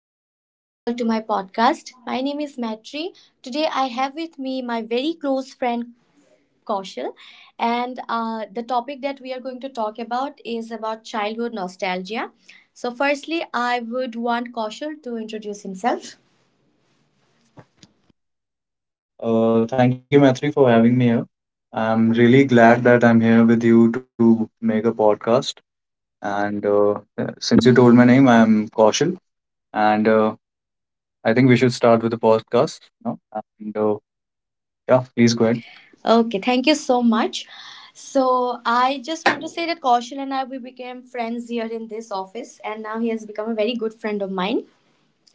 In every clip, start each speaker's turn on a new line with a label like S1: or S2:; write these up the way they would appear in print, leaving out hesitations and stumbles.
S1: I welcome you all to my podcast. My name is Matri. Today I have with me my very close friend Kaushal, and the topic that we are going to talk about is about childhood nostalgia. So firstly, I would want Kaushal to introduce himself.
S2: Thank you, Maitri, for having me here. I'm really glad that I'm here with you to make a podcast. And Since you told my name, I'm Kaushal. And I think we should start with the podcast now. And Yeah, please go ahead.
S1: Okay, thank you so much. So I just want to say that Kaushal and I, we became friends here in this office, and now he has become a very good friend of mine.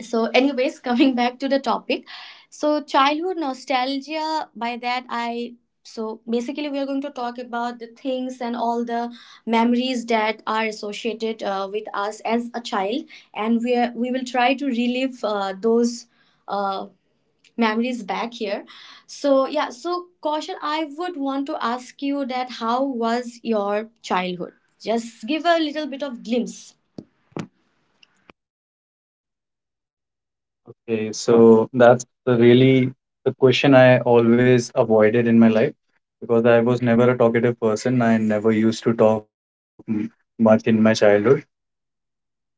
S1: So anyways, coming back to the topic. So childhood nostalgia, by that I so basically we are going to talk about the things and all the memories that are associated with us as a child, and we will try to relive those uh, memories back here. So yeah, so Kaushal, I would want to ask you that, how was your childhood? Just give a little bit of glimpse.
S2: Okay, so that's the question I always avoided in my life, because I was never a talkative person. I never used to talk much in my childhood.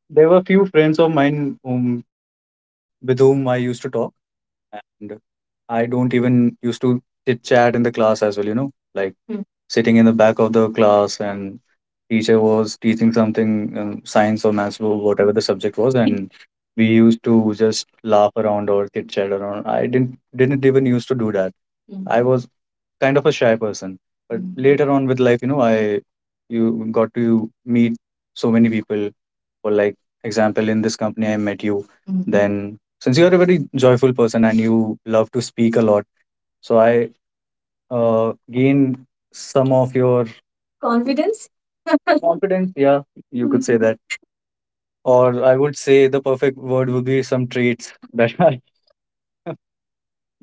S2: There were few friends of mine with whom I used to talk. I don't even used to chit chat in the class as well, like sitting in the back of the class, and teacher was teaching something, science or maths or whatever the subject was. Hmm. And we used to just laugh around or chit chat around. I didn't even used to do that. Mm. I was kind of a shy person, but later on with life, you know, I you got to meet so many people. For example, in this company, I met you. Mhm. Then since you are a very joyful person and you love to speak a lot, so I gained some of your confidence. Confidence. Yeah, you could say that, or I would say the perfect word would be some traits that I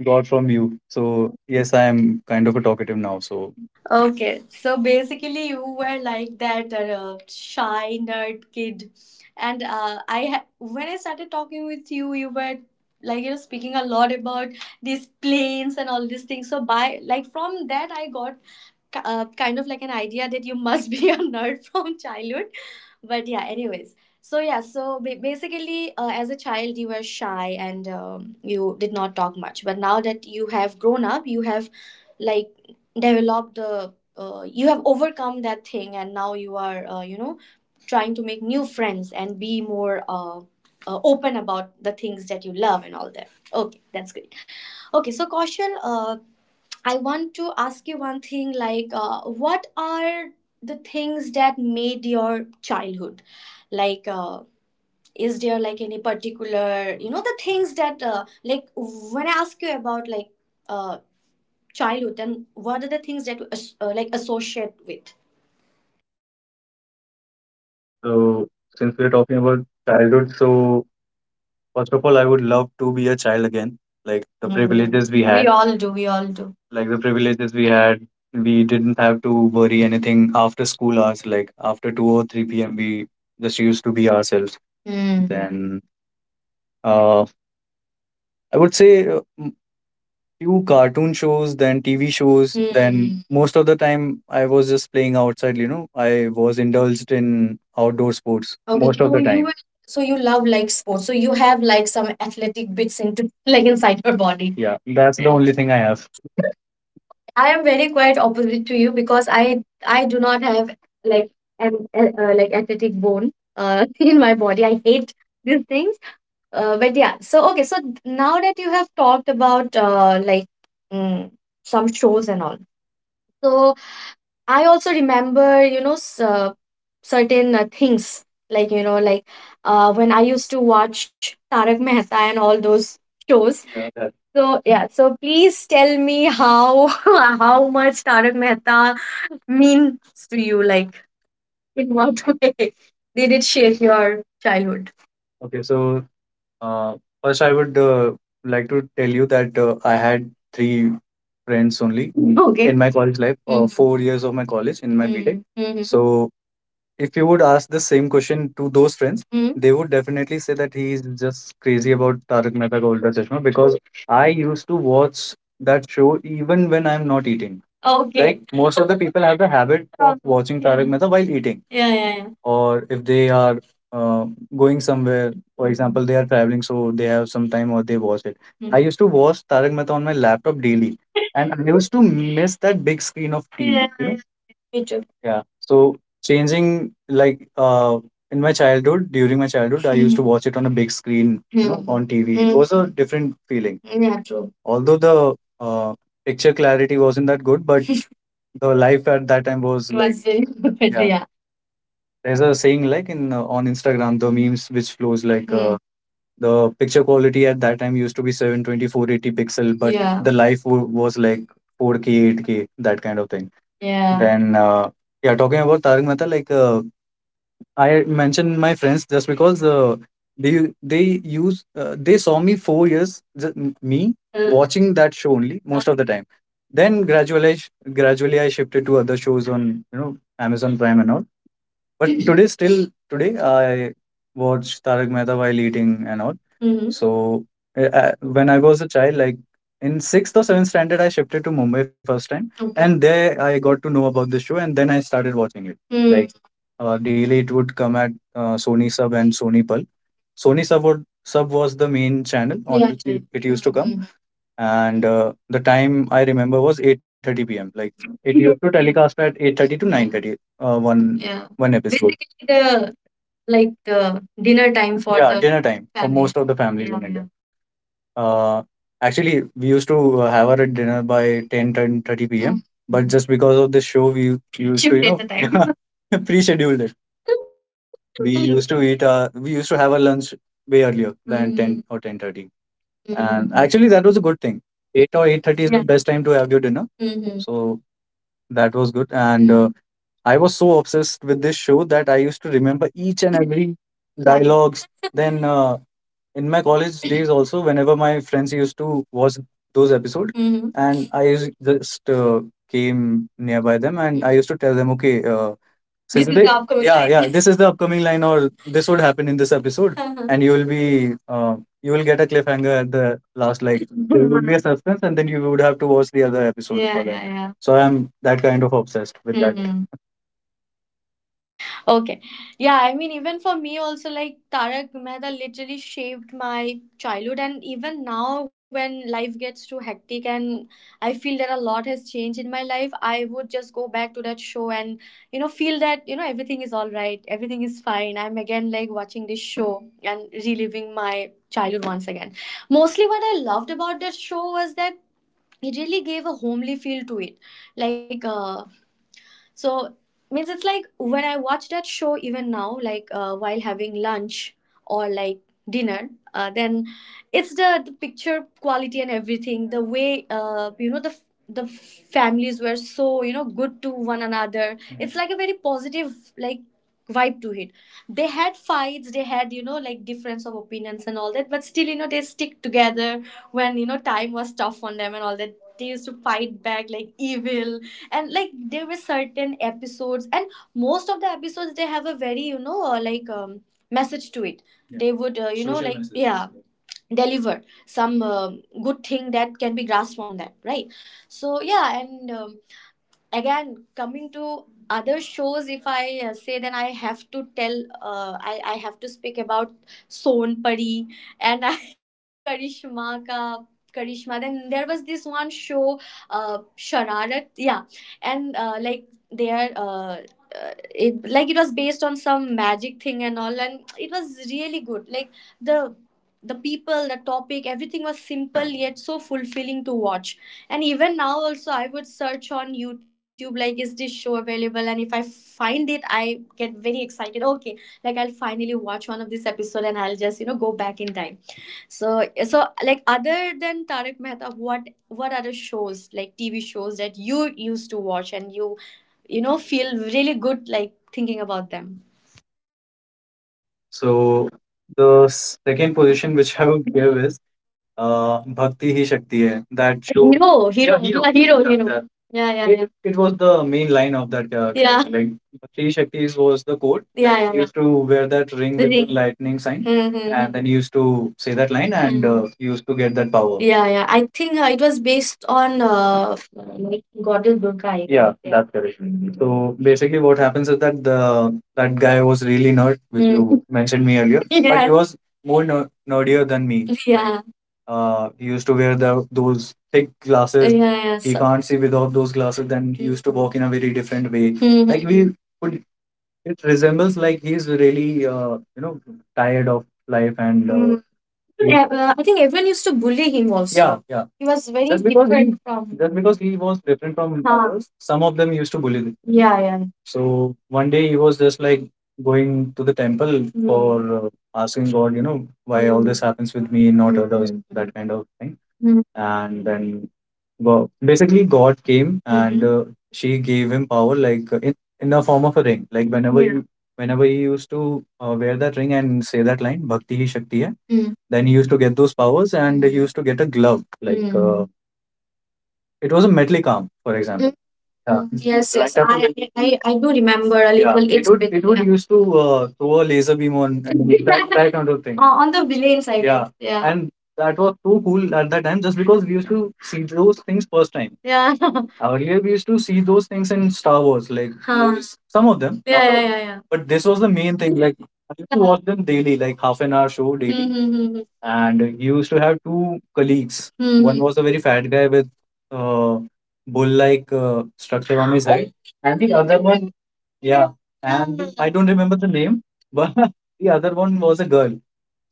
S2: got from you. So yes, I am kind of a talkative now. So
S1: Okay, so basically, you were like that shy nerd kid, and when I started talking with you, you were like, you know, speaking a lot about these planes and all these things. So by like from that, I got kind of like an idea that you must be a nerd from childhood. But yeah, anyways. So yeah, so basically, as a child, you were shy and you did not talk much. But now that you have grown up, you have like developed the you have overcome that thing, and now you are you know, trying to make new friends and be more open about the things that you love and all that. Okay, that's great. Okay, so Kaushal, I want to ask you one thing, like what are the things that made your childhood, like is there like any particular, you know, the things that like when I ask you about like uh, childhood, then what are the things that you like associate with?
S2: so since we're talking about childhood, so first of all, I would love to be a child again, like the privileges we had. All do. We all do. Like the privileges We had, we didn't have to worry anything after school hours, like after 2 or 3 p.m, we just used to be ourselves. Hmm. Then uh, I would say uh, few cartoon shows, then TV shows, then most of the time I was just playing outside, you know. I was indulged in outdoor sports. Okay, most of so the you time. Will, so you love like sports. So you have like some athletic bits into like inside your body. Yeah, that's the only thing I have. I am very quite opposite to you, because I do not have like an like athletic bone in my body. I hate these things. But yeah, so okay, so now that you have talked about like mm, some shows and all, so I also remember, you know, certain things like you know, like when I used to watch Tarak Mehta and all those shows. Yeah, that- So yeah, so please tell me how how much Tarak Mehta means to you, like in what way did it shape your childhood? Okay, so uh, first, I would like to tell you that I had 3 friends only. Okay. In my college life, 4 years of my college in my BTEC. Mhm. So if you would ask the same question to those friends, they would definitely say that he is just crazy about Tarak Mehta Ka Ulta Chashma, because I used to watch that show even when I'm not eating. Okay. Like most of the people have the habit, of watching, yeah, Tarak Mehta while eating. Yeah. Yeah. Yeah. Or if they are uh, going somewhere, for example, they are traveling, so they have some time or they watch it. Hmm. I used to watch Tarak Mehta on my laptop daily, and I used to miss that big screen of TV. Yeah. You know, me too. Yeah. So changing like in my childhood, during my childhood, I used to watch it on a big screen, you know, on TV. It was a different feeling. Yeah, true. Although the uh picture clarity wasn't that good, but the life at that time was like, was very good, yeah. Yeah. There's a saying like in, on Instagram, the memes which flows like, the picture quality at that time used to be seven twenty four eighty pixel, but, yeah, the life was like 4k 8k, that kind of thing. Yeah. Then yeah, talking about Tarak Mehta, like, I mentioned my friends just because they they use they saw me 4 years just me, watching that show only most of the time, then gradually I shifted to other shows on, you know, Amazon Prime and all. But today, still today, I watch Tarak Mehta while eating and all. Hmm. So when I was a child, like in sixth or seventh standard, I shifted to Mumbai first time. Okay. And there I got to know about this show, and then I started watching it. Mm. Like daily, it would come at Sony Sub and Sony Pal. Sub was the main channel on, yeah, which it used to come, and the time I remember was 8:30 p.m. Like it used to telecast at 8:30 to 9:30, one Yeah. one episode. Basically the, like, dinner time for, yeah, the dinner time for family, most of the families, yeah, in, yeah, India. Yeah. Actually, we used to have our dinner by ten ten thirty 10:30 p.m. But just because of this show, we used to, you Shifted know the time. pre-schedule it. We used to eat. We used to have our lunch way earlier than, 10 or 10:30. Mhm. and Mm-hmm. Actually, that was a good thing. 8 or 8:30 is, yeah, the, yeah, best time to have your dinner. Mhm. So that was good. And I was so obsessed with this show that I used to remember each and every dialogues. Then in my college days also, whenever my friends used to watch those episodes, and I used- just came nearby them, and I used to tell them, okay, so This is the upcoming yeah, line. Yeah. This is the upcoming line, or this would happen in this episode, and you will be, you will get a cliffhanger at the last. Like there would be a suspense, and then you would have to watch the other episode, yeah, for that. Yeah, yeah. So I'm that kind of obsessed with that. Hmm.
S1: Okay. Yeah, I mean, even for me also, like Tarak Mehta literally shaped my childhood. And even now, when life gets too hectic and I feel that a lot has changed in my life, I would just go back to that show and, you know, feel that, you know, everything is all right, everything is fine. I'm again like watching this show and reliving my childhood once again. Mostly, what I loved about that show was that it really gave a homely feel to it, like so means it's like when I watch that show even now, like while having lunch or like dinner, then it's the picture quality and everything. The way you know the families were so, you know, good to one another. It's like a very positive like vibe to it. They had fights, they had, you know, like difference of opinions and all that, but still, you know, they stick together when, you know, time was tough on them and all that. They used to fight back like evil, and like there were certain episodes, and most of the episodes they have a very, you know, like message to it. Yeah, they would you know, social like messages, yeah, deliver some good thing that can be grasped from that, right? So yeah, and again coming to other shows, if I say, then I have to tell I have to speak about Son Pari, and Karishma Ka Karishma. Then there was this one show, uh, Shararat, yeah. And like there uh, it it was based on some magic thing and all, and it was really good. Like the the people, the topic, everything was simple yet so fulfilling to watch. And even now also, I would search on YouTube, like, is this show available? And if I find it, I get very excited. Okay, like, I'll finally watch one of this episode and I'll just, you know, go back in time. So, like, other than Tarak Mehta, what other shows, like TV shows that you used to watch and you know, feel really good, like, thinking about them?
S2: So the second position which I would give is, Bhakti Hi Shakti Hai. That show. Hero, hero, yeah, hero, yeah, hero, yeah, hero. That. Yeah, yeah, yeah. It was the main line of that, yeah, like Bhakti Hi Shakti was the quote. Yeah, yeah, he, yeah, used to wear that ring. The with ring. Lightning sign, Mhm. and Mm-hmm. then he used to say that line, and he used to get that power. Yeah, yeah. I think it was based on, like, Goddess Durga, I Yeah, think. Yeah. That's correct. Mhm. So basically, what happens is that the that guy was really nerd, which you mentioned me earlier. But, yeah, he, yeah, was more nerdier than me. Yeah. He used to wear the those thick, yeah, glasses. Yeah, yeah. He, so, can't see without those glasses. Then he used to walk in a very different way. We could, it resembles like he's really, you know, tired of life. And yeah, I think everyone used to bully him also. Yeah, yeah. He was very, Just because he, different he, from. Just because he was different from, huh, others, some of them used to bully him. Yeah, yeah. So one day he was just like going to the temple for, asking God, you know, why all this happens with me, not others, that kind of thing. Mm. And then, well, basically, God came, and she gave him power, like, in the form of a ring. Like whenever, yeah, you, whenever he used to wear that ring and say that line, "Bhakti hi shakti hai," then he used to get those powers, and he used to get a glove. Like it was a metallic arm, for example. Yeah. Yes, like, yes, I, only, I do remember a, yeah, little It It's would bit, it would yeah. used to, throw a laser beam on and that, that kind of thing, on the villains' side. Yeah. Yeah, and that was so cool at that time, just because we used to see those things first time. Yeah. Earlier we used to see those things in Star Wars, like, huh, some of them. Yeah, yeah, yeah, yeah. But this was the main thing. Like I used to, yeah, watch them daily, like half an hour show daily. And he used to have two colleagues. Mhm. One, mm-hmm, was a very fat guy with uh bull like structure on his head. And the other one. Yeah. And I don't remember the name, but the other one was a girl.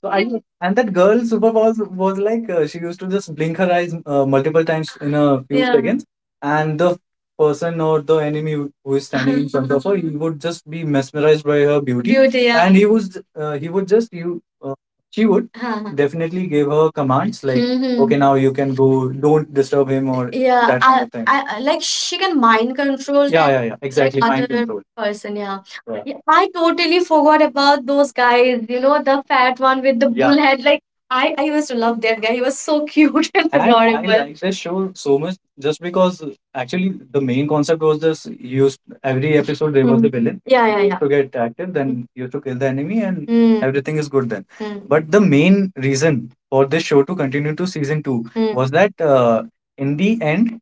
S2: So I, and that girl super was like, she used to just blink her eyes, multiple times in a few, yeah, seconds, and the person or the enemy who is standing in front of her, he would just be mesmerized by her beauty. Beauty, yeah. And he was, he would just you, uh, she would definitely give her commands like, mhm, okay, now you can go, don't disturb him, or yeah, that kind, I, of thing. I, like she can mind control. Yeah, that, yeah, yeah, like exactly mind other control person. Yeah, yeah. Yeah, I totally forgot about those guys. You know, the fat one with the, yeah, bull head. Like I used to love that guy. He was so cute and I adorable like the show so much just because actually the main concept was this used every episode. There was, mm, the, mm, villain, yeah, yeah, yeah, to get active, mm, then used to kill the enemy, and, mm, everything is good then. Mm. But the main reason for this show to continue to season two, mm, was that, in the end,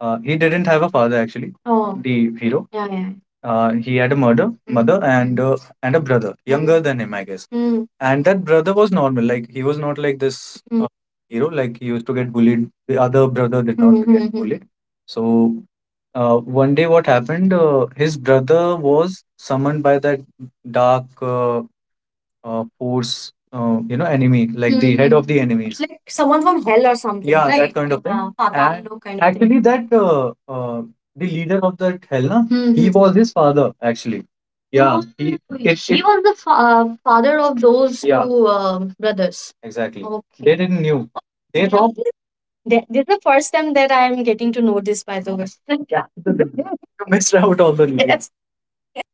S2: he didn't have a father actually. Oh. The hero. Yeah, yeah. He had a murder, mother, and, and a brother younger than him, I guess. Mm. And that brother was normal. Like he was not like this, mm, hero. Like he used to get bullied. The other brother did not, mhm, get mhm. bullied. So, one day, what happened? His brother was summoned by that dark, force, you know, enemy, like the head, hmm, of the enemies. Like someone from hell or something, yeah, that right, kind of, yeah, thing. And Patablo kind of thing. Actually, that, the leader of that hell, na, he, mm-hmm, was his father, actually. Yeah. Oh, he. Oh, it he it was the father of those, yeah, two, um, brothers, exactly. Okay. They, okay, didn't knew. They thought this is the first time that I'm getting to know this, by the way. Yeah, you missed out on the news. Yes.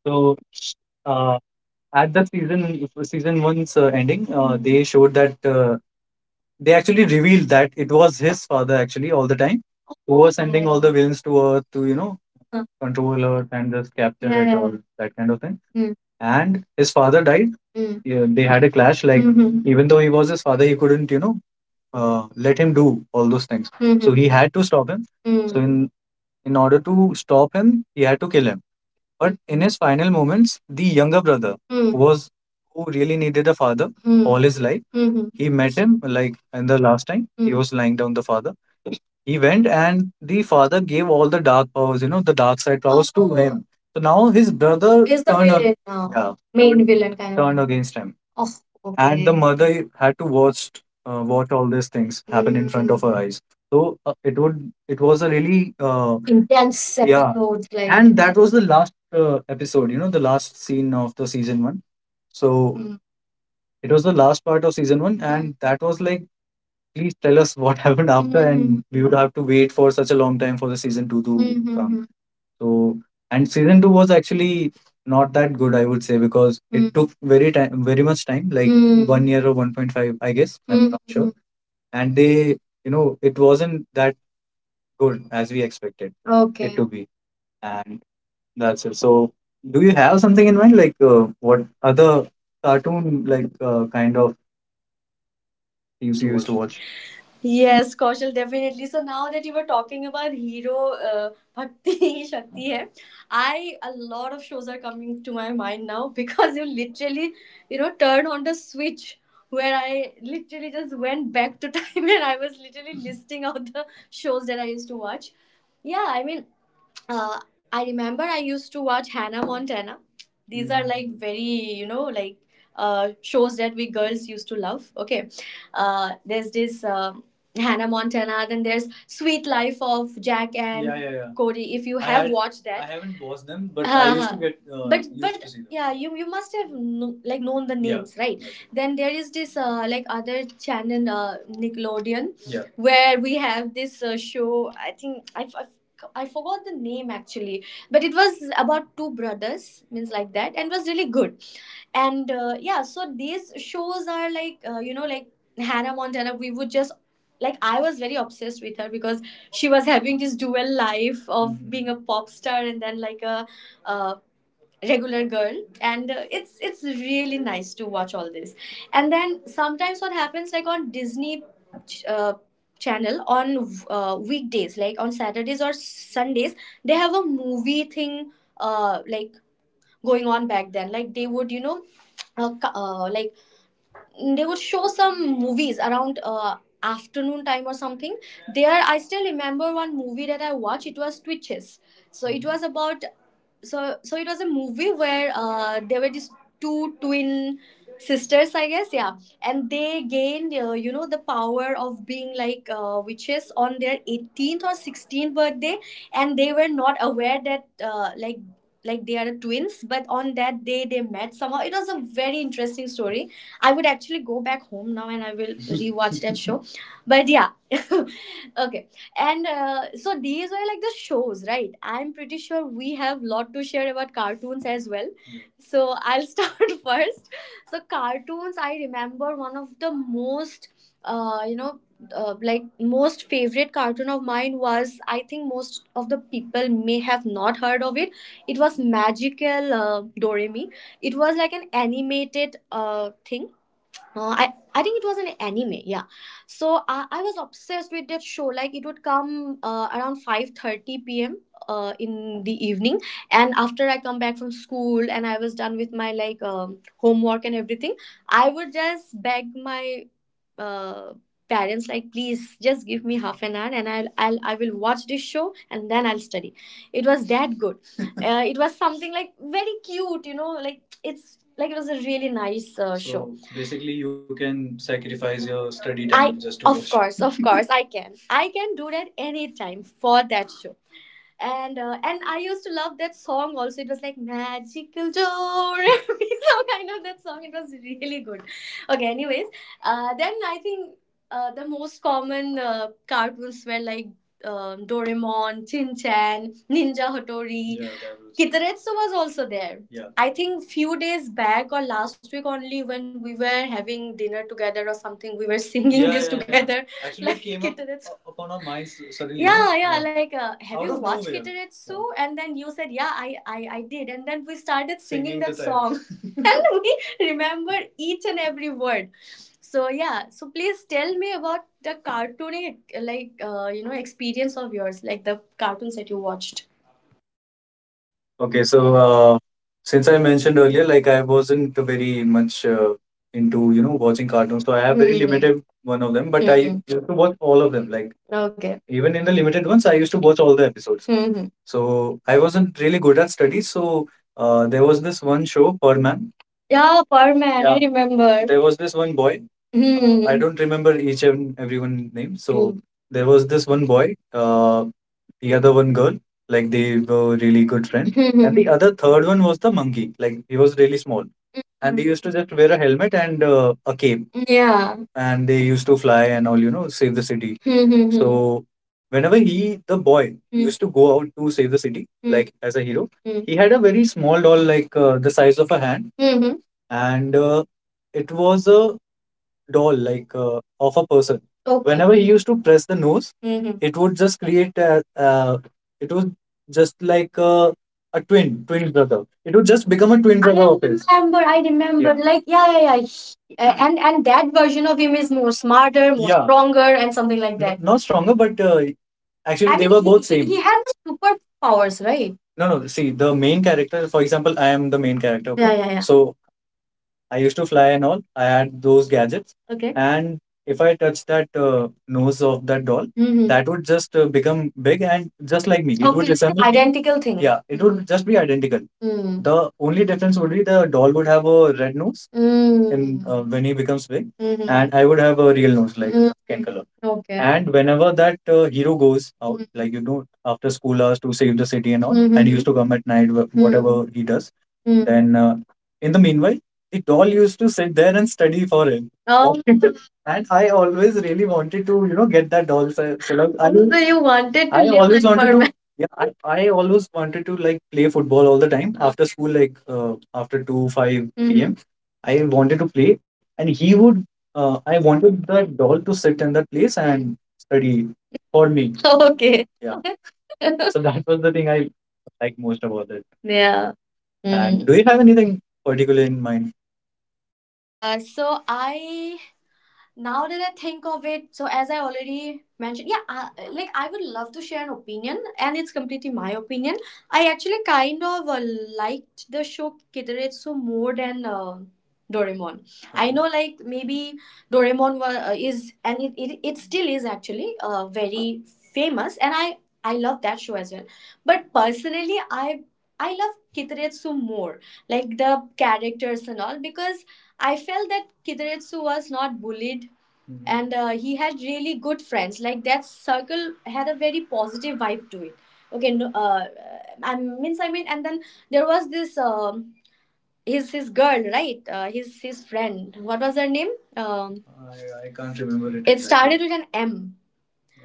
S2: So, uh, at the season one's, ending, they showed that, they actually revealed that it was his father actually all the time who was sending all the villains to Earth to, you know, huh, control Earth and just capture it, yeah, all that kind of thing. Mm. And his father died. Mm. Yeah, they had a clash. Like, mhm, even though he was his father, he couldn't, you know, let him do all those things. So, mhm, he had to stop him. Mm. So in order to stop him, he had to kill him, but in his final moments, the younger brother, hmm, was, who really needed a father, hmm, all his life. Mhm. He met him like in the last time. He, hmm, was lying down the father event, and the father gave all the dark powers, you know, the dark side powers to him. So now his brother is the turned villain now, yeah, main villain kind of, turned against him. Oh, and the okay mother had to watch, watch all these things happen in front of her, mm, eyes. So, it would, it was a really, intense, yeah, episodes like, and that was the last, episode, you know, the last scene of the season 1. So, mm, it was the last part of season 1, Mm. and that was like, please tell us what happened after, mm, and we would have to wait for such a long time for the season two to come. Mm-hmm. So, and season two was actually not that good, I would say, because it took very time, very much time, like, mm-hmm, 1 year or 1.5, I guess. I'm not sure. Mm-hmm. And they, you know, it wasn't that good as we expected it, okay, to be. And that's it. So, do you have something in mind, like, what other cartoon, like, kind of
S1: You
S2: things
S1: used to
S2: you used to
S1: watch.
S2: watch?
S1: Yes, Kaushal, definitely. So now that you were talking about hero, Bhakti Shakti hai, I a lot of shows are coming to my mind now because you literally, you know, turn on the switch where I literally just went back to time and I was literally listing out the shows that I used to watch. Yeah, I mean, uh, I remember I used to watch Hannah Montana. These are like very, you know, like shows that we girls used to love. Okay. There's this Hannah Montana, then there's Sweet Life of Jack and, yeah, yeah, yeah, Cody. If you I have watched that. I haven't watched them, but I used to, uh-huh, get but used but to see them. Yeah, you must have like known the, yeah, names, right? Yeah. Then there is this like other channel, Nickelodeon, yeah, where we have this show. I think I, f- I forgot the name actually, but it was about two brothers, means like that, and was really good. And yeah, so these shows are like you know, like Hannah Montana. We would just like, I was very obsessed with her because she was having this dual life of being a pop star and then like a uh, regular girl. And it's really nice to watch all this. And then sometimes what happens, like on Disney ch- uh, channel on weekdays like on Saturdays or Sundays, they have a movie thing like going on back then, like they would, you know, like they would show some movies around afternoon time or something. There I still remember one movie that I watched. It was Twitches. So it was about, so it was a movie where there were these two twin sisters, I guess, yeah. And they gained you know, the power of being like witches on their 18th or 16th birthday. And they were not aware that like they are twins, but on that day they met somehow. It was a very interesting story. I would actually go back home now and I will rewatch that show. But yeah, okay. And so these were like the shows, right? I'm pretty sure we have lot to share about cartoons as well. So I'll start first. So cartoons, I remember one of the most, you know, like most favorite cartoon of mine was, I think most of the people may have not heard of it. It was Magical Doremi. It was like an animated thing. I think it was an anime, yeah. So I was obsessed with that show. Like it would come around 5:30 p.m. In the evening, and after I come back from school and I was done with my like homework and everything, I would just beg my uh, parents like, please just give me half an hour and I will watch this show and then I'll study. It was that good. It was something like very cute, you know, like it's like it was a really nice show. So show basically, you can sacrifice your study, just to of watch. Course of Course, I can do that anytime for that show. And and I used to love that song also. It was like Magical Joe. Every song, I know that song. It was really good. Okay, anyways, then I think the most common cartoons were like Doraemon, Chin Chan, Ninja Hattori. Yeah, that was Kitaretsu was also there. Yeah. I think few days back or last week only when we were having dinner together or something, we were singing, yeah, this, yeah, yeah, together actually like came Kitterets up upon our minds suddenly, no? Yeah, yeah, yeah, like, have out you of watched nowhere Kitter, it's, yeah. So and then you said yeah I did, and then we started singing. Singing that song and we remember each and every word. So yeah, so please tell me about the cartooning, like you know, experience of yours, like the cartoons that you watched.
S2: Okay, so, since I mentioned earlier, like I wasn't very much, into, you know, watching cartoons, so I have very, hmm, limited one of them. But I, hmm, used to watch all of them. Like, okay, even in the limited ones, I used to watch all the episodes. Hmm. So I wasn't really good at studies. So, there was this one show, Birdman. Yeah, Birdman, I, yeah, remember. There was this one boy. Hmm. I, mm-hmm, don't remember each and everyone name. So, hmm, there was this one boy. Uh, the other one girl, like they were really good friends. And the other third one was the monkey, like he was really small, and they, mhm, used to just wear a helmet and, a cape. Yeah. And they used to fly and all, you know, save the city. So whenever he, the boy, mhm, used to go out to save the city, mhm, like as a hero, mhm, he had a very small doll, like, the size of a hand, and, it was a doll like, of a person. Okay. Whenever he used to press the nose, mhm, it would just create a, it was just like a twin brother. It would just become a twin brother of his. I remember, yeah, like, yeah, yeah, yeah, and that version of him is more smarter, more, yeah, stronger, and something like that. Not stronger, but, actually I they mean, were both he same. He had the superpowers, right? No, no. See, the main character, for example, I am the main character. Okay? Yeah, okay, yeah, yeah. So I used to fly and all. I had those gadgets. Okay. And if I touch that, nose of that doll, mhm, that would just, become big and just like me. It would, okay, it's an resemble, identical thing. Yeah, it would just be identical. Mm. The only difference would be the doll would have a red nose, mm, in, mm, when he becomes big, mhm, and I would have a real nose, like, mm, skin color. Okay. And whenever that, hero goes out, mm, like, you know, after school hours to save the city and all, and he, mhm, used to come at night, mm, whatever he does, mm, then, in the meanwhile, it all used to sit there and study for him. Oh, and I always really wanted to, you know, get that doll. So, so like, I, so you wanted to I live always like wanted to Birdman. Yeah, I always wanted to like play football all the time after school, like, after 2 5, mhm, p.m. I wanted to play, and he would. I wanted that doll to sit in that place and study for me. Okay. Yeah, so that was the thing I like most about it. Yeah. And, mm, do you have anything particular in mind?
S1: Uh so I now that I think of it, so as I already mentioned, yeah, like I would love to share an opinion, and it's completely my opinion. I actually kind of liked the show Kitaretsu more than Doraemon. I know, like maybe Doraemon is, and it still is actually very famous, and I I love that show as well, but personally I I love Kitaretsu more, like the characters and all, because I felt that Kideretsu was not bullied. Mhm. And he had really good friends. Like that circle had a very positive vibe to it. Okay, no, I mean, and then there was this his girl, right? His friend. What was her name? I can't remember it exactly. Started with an M.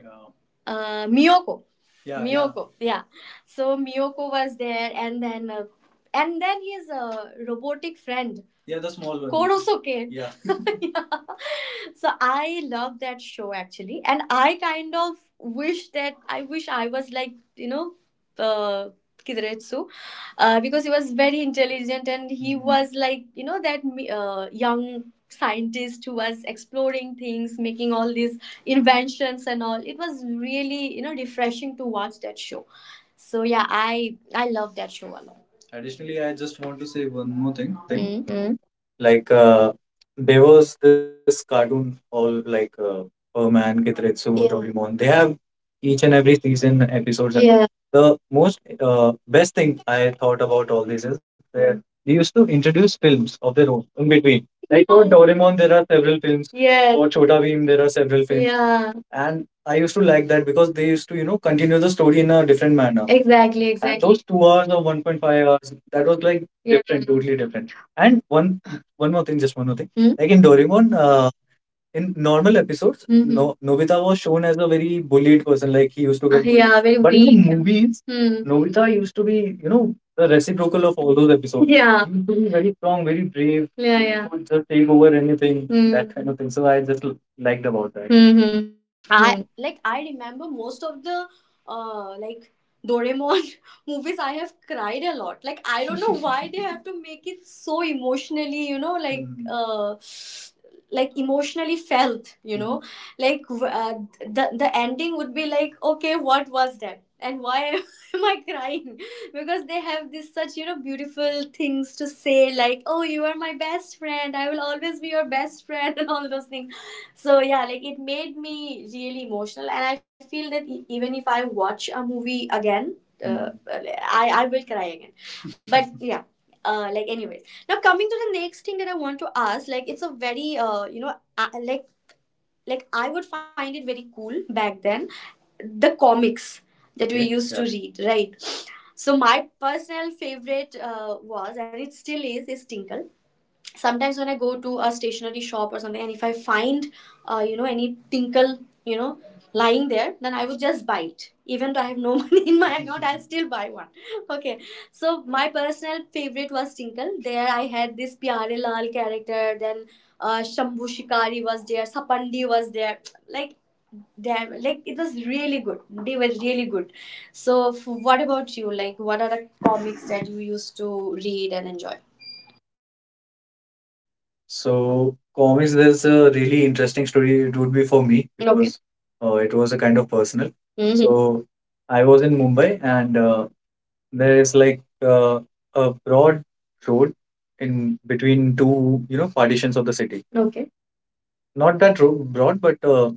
S1: Yeah. Miyoko. Yeah. Miyoko, yeah, yeah. So Miyoko was there, and then his robotic friend. Yeah, yeah, the small one. Korosuke. Yeah. Yeah, so I love that show actually, and I kind of wish that I wish I was, like, you know, uh, Kiretsu, because he was very intelligent, and he Mhm. was, like, you know, that young scientist who was exploring things, making all these inventions and all. It was really, you know, refreshing to watch that show. So yeah, I I love that show a lot. Additionally, I just want to say one more thing.
S2: More thing.
S1: Hmm.
S2: Mm. Like, there was this cartoon all like, Perman, Gitretsu, yeah, Doraemon. They have each and every season episodes, and, yeah, the most, best thing I thought about all this is that they used to introduce films of their own in between. Like for, yeah, Doraemon, there are several films. Yeah. For Chota Bheem, there are several films, yeah, and I used to like that because they used to, you know, continue the story in a different manner. Exactly. And exactly. And those 2 hours or 1.5 hours, that was like, yeah, different, totally different. And one one more thing, just one more thing. Hmm? Like in Doraemon, in normal episodes, no Nobita was shown as a very bullied person, like he used to, uh, get, ah, bullied, yeah, very, but in the weak movies, hmm, Nobita used to be, you know, the reciprocal of all those episodes. Yeah. He used to be very strong, very brave. Yeah, he, yeah, would just take over anything, hmm, that, hmm, kind of thing. So I just liked about that. Hmm. Hmm. Hmm.
S1: I, like, I remember most of the uh like Doraemon movies. I have cried a lot. Like, I don't know why they have to make it so emotionally, you know, like Mhm. Like emotionally felt, you know. Mhm. Like the ending would be like, okay, what was that? And why am I crying? Because they have this such, you know, beautiful things to say, like, oh, you are my best friend. I will always be your best friend and all those things. So yeah, like it made me really emotional, and I feel that even if I watch a movie again, Mm. I will cry again. But yeah. Like anyways, now coming to the next thing that I want to ask, like it's a very you know, uh, like like I would find it very cool back then, the comics that we Okay. used to Yeah. read, right? So my personal favorite was, and it still is Tinkle. Sometimes when I go to a stationery shop or something, and if I find you know, any Tinkle, you know, lying there, then I would just buy it, even though I have no money in my account. I'll still buy one. Okay. So my personal favorite was Tinkle. There I had this Pyare Lal character, then Shambhu Shikari was there, Sapandi was there, like, it was really good. They were really good. So what about you? Like, what are the comics that you used to read and enjoy?
S2: So comics, there's a really interesting story. It would be for me, okay, because, it was a kind of personal. Hmm. So I was in Mumbai and, there is like, a broad road in between two, you know, partitions of the city. Okay. Not that road broad, but,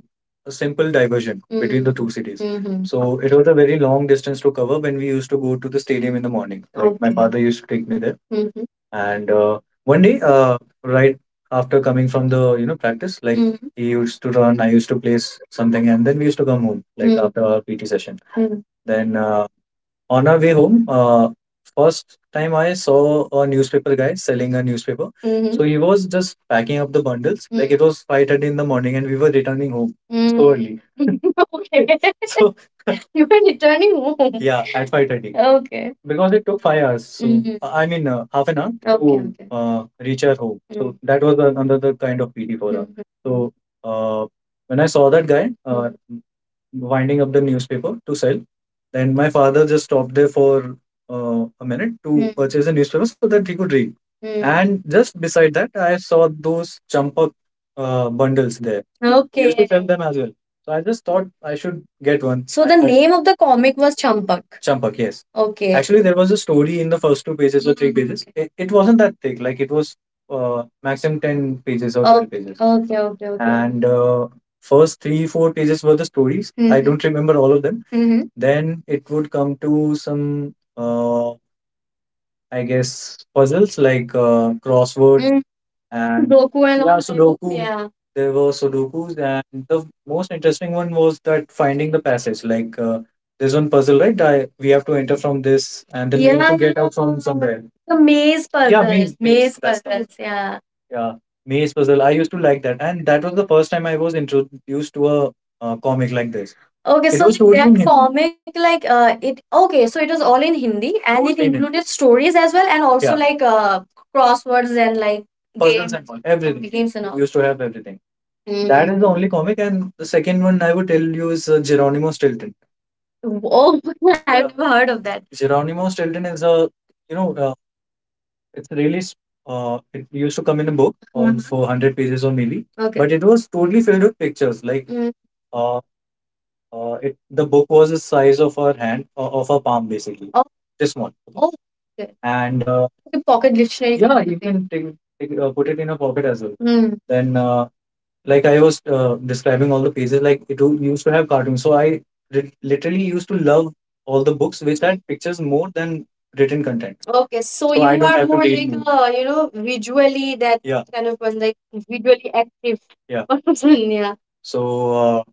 S2: a simple diversion, mm, between the, mm, two cities. So it was a very long distance to cover when we used to go to the stadium in the morning. Like my, Okay, father used to take me there. And one day, right after coming from the practice, like he used to run, I used to place something, and then we used to come home, like, after our PT session. Mm. Then on our way home, first time I saw a newspaper guy selling a newspaper. Mm-hmm. So he was just packing up the bundles. Mm. Like it was 5:30 in the morning and we were returning home, so, Mm, early. Okay. So you were returning home. Yeah, at 5:30. Okay. Because it took 5 hours. So, mm-hmm, I mean, half an hour, okay, to, okay, reach our home. Mm. So, mm-hmm, that was another kind of pity for us. Mm-hmm. So uh, when I saw that guy, mm-hmm, winding up the newspaper to sell. Then my father just stopped there for a minute to, Hmm, purchase a newspaper so that he could read. Hmm. And just beside that, I saw those champak bundles there. They used to, okay, sell them as well. So I just thought I should get one. So the name of the comic was Champak. Champak, yes. Okay. Actually, there was a story in the first two pages or three, hmm, pages. It wasn't that thick. Like it was maximum ten pages or, okay, 12 pages. Okay. Okay. Okay. And first 3, 4 pages were the stories. Mm-hmm. I, mhm, don't remember all of them. Mhm. Then it would come to some, I guess, puzzles like, crossword and Sudoku and, yeah, all Sudoku. Yeah. There were Sudokus, and the most interesting one was that finding the passage. Like, there's one puzzle, right? We have to enter from this, and then we need, yeah, to get out from somewhere. The maze, yeah, puzzles. Maze, maze, maze. That's the one. Puzzles. Yeah. Yeah, maze puzzle. I used to like that, and that was the first time I was introduced to a comic like this. Okay, it so was like totally that in Hindi comic, like, it, okay, so it was all in Hindi and totally it in Hindi. Included stories as well and also, yeah, like, crosswords and like puzzles and all, everything. Games and all. Used to have everything. Mm. That is the only comic, and the second one I would tell you is Geronimo Stilton. Oh, I've never heard of that. Geronimo Stilton is a, you know, uh, it's really, it used to come in a book on, mhm, 400 pages or maybe, okay, but it was totally filled with pictures. Like, Mm, uh, it the book was the size of her hand, of her palm, basically. Oh, this small. Oh, okay. And like a pocket dictionary. Yeah, you can take, put it in a pocket as well. Hmm. Then like I was describing all the pages, like it used to have cartoons. So I literally used to love all the books which had pictures more than written content. Okay, so. So I, you don't, are have to more read, like, more. A, you know, visually, that, yeah, kind of person, like visually active, yeah, person, yeah. So uh,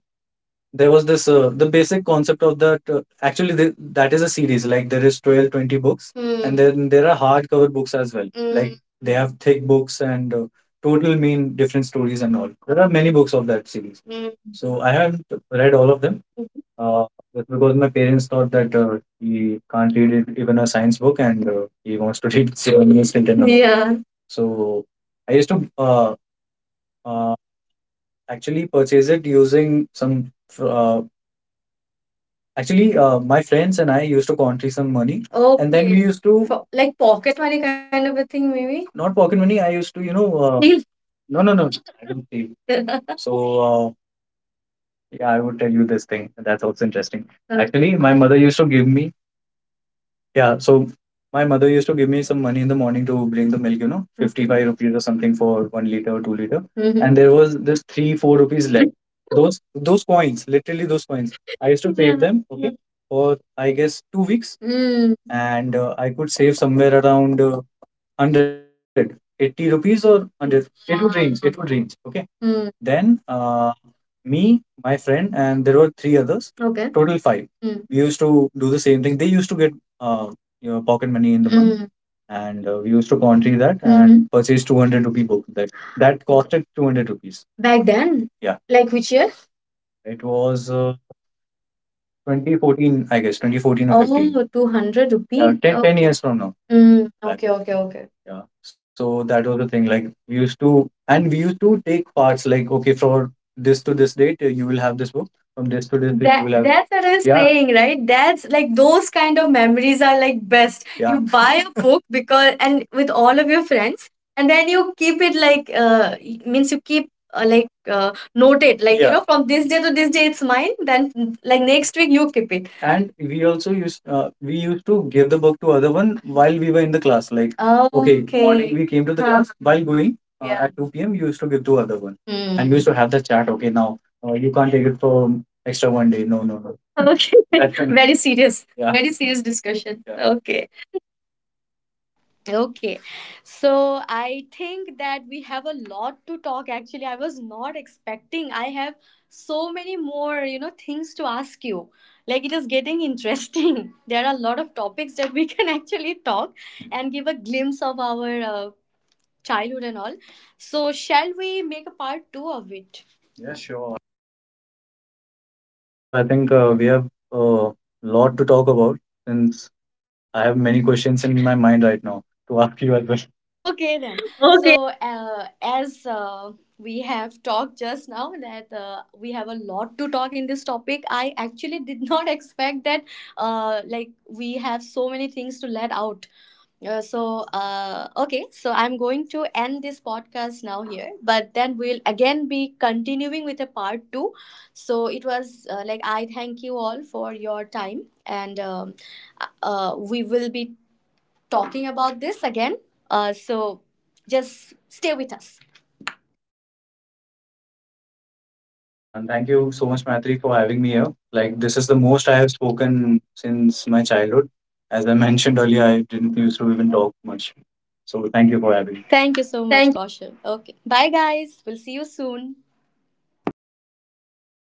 S2: there was this, the basic concept of that. Actually, that is a series. Like, there is 12-20 books, and, hmm, then there are hardcover books as well. Mm. Like, Mm, they have thick books, and total mean different stories and all. There are many books of that series. Mm. So I haven't read all of them. Mhm. But because my parents thought that, he can't read it, even a science book, and he wants to read Sylvanus Tintin. Yeah. So I used to uh, actually purchase it using some actually, my friends and I used to contribute some money, and then we, okay, used to, for, like, pocket money kind of a thing, maybe? Not pocket money. I used to, steal. No, no, no, I don't steal. So uh, yeah, I would tell you this thing. That's also interesting. Actually, my mother used to give me, yeah, so my mother used to give me some money in the morning to bring the milk, mhm, 55 rupees or something for 1 liter or 2 liter. Mhm. And there was this 3 4 rupees left. Those those coins, literally those coins. I used to save, yeah, them, yeah, okay, yeah, for I guess 2 weeks. Mm. And I could save somewhere around 180 rupees or 100, it would range, okay, hmm. Then me, my friend, and there were three others, okay, total five, hmm. We used to do the same thing. They used to get uh, pocket money in the month, hmm. And we used to contribute that, mhm, and purchase 200 rupee book that costed 200 rupees. Back then, yeah, like which year? It was 2014, I guess, 2014 or 15. Oh, 200, rupees. 10, 10, okay, years from now. Mm, okay, okay, okay. Yeah. So that was the thing. Like, we used to, and we used to take parts. Like, okay, for this to this date, you will have this book. From this to this date, you, that, will have. That's what I was, yeah, saying, right? That's like those kind of memories are like best. Yeah, you buy a book because, and with all of your friends, and then you keep it like, means you keep, like, note it, like, yeah. You, yeah, know from this day to this day it's mine, then, like next week you keep it. And we also used, we used to give the book to other one while we were in the class. Like, oh, okay, okay, morning we came to the, huh, class, while going, yeah, at 2 p.m you used to give to other one, hmm. And we used to have the chat. Okay, now you can't take it for extra 1 day. No, no, no. Okay. Very serious, yeah, very serious discussion, yeah. Okay.
S1: Okay, so I think that we have a lot to talk. Actually, I was not expecting. I have so many more, you know, things to ask you. Like, it is getting interesting. There are a lot of topics that we can actually talk and give a glimpse of our childhood and all. So, shall we make a part two of it? Yeah, sure.
S2: So I think we have a, lot to talk about, since I have many questions in my mind right now to ask you as well.
S1: Okay then.
S2: Okay.
S1: So as we have talked just now that we have a lot to talk in this topic, I actually did not expect that like we have so many things to let out. Okay, so I'm going to end this podcast now here, but then we'll again be continuing with a part two. So it was like, I thank you all for your time, and we will be talking about this again. So just stay with us.
S2: And thank you so much, Maitri, for having me here. Like, this is the most I have spoken since my childhood. As I mentioned earlier, I didn't used to even talk much. So, thank you for having me.
S1: Thank you so much,
S2: Thank
S1: Kaushal. Okay. Bye, guys. We'll see you soon.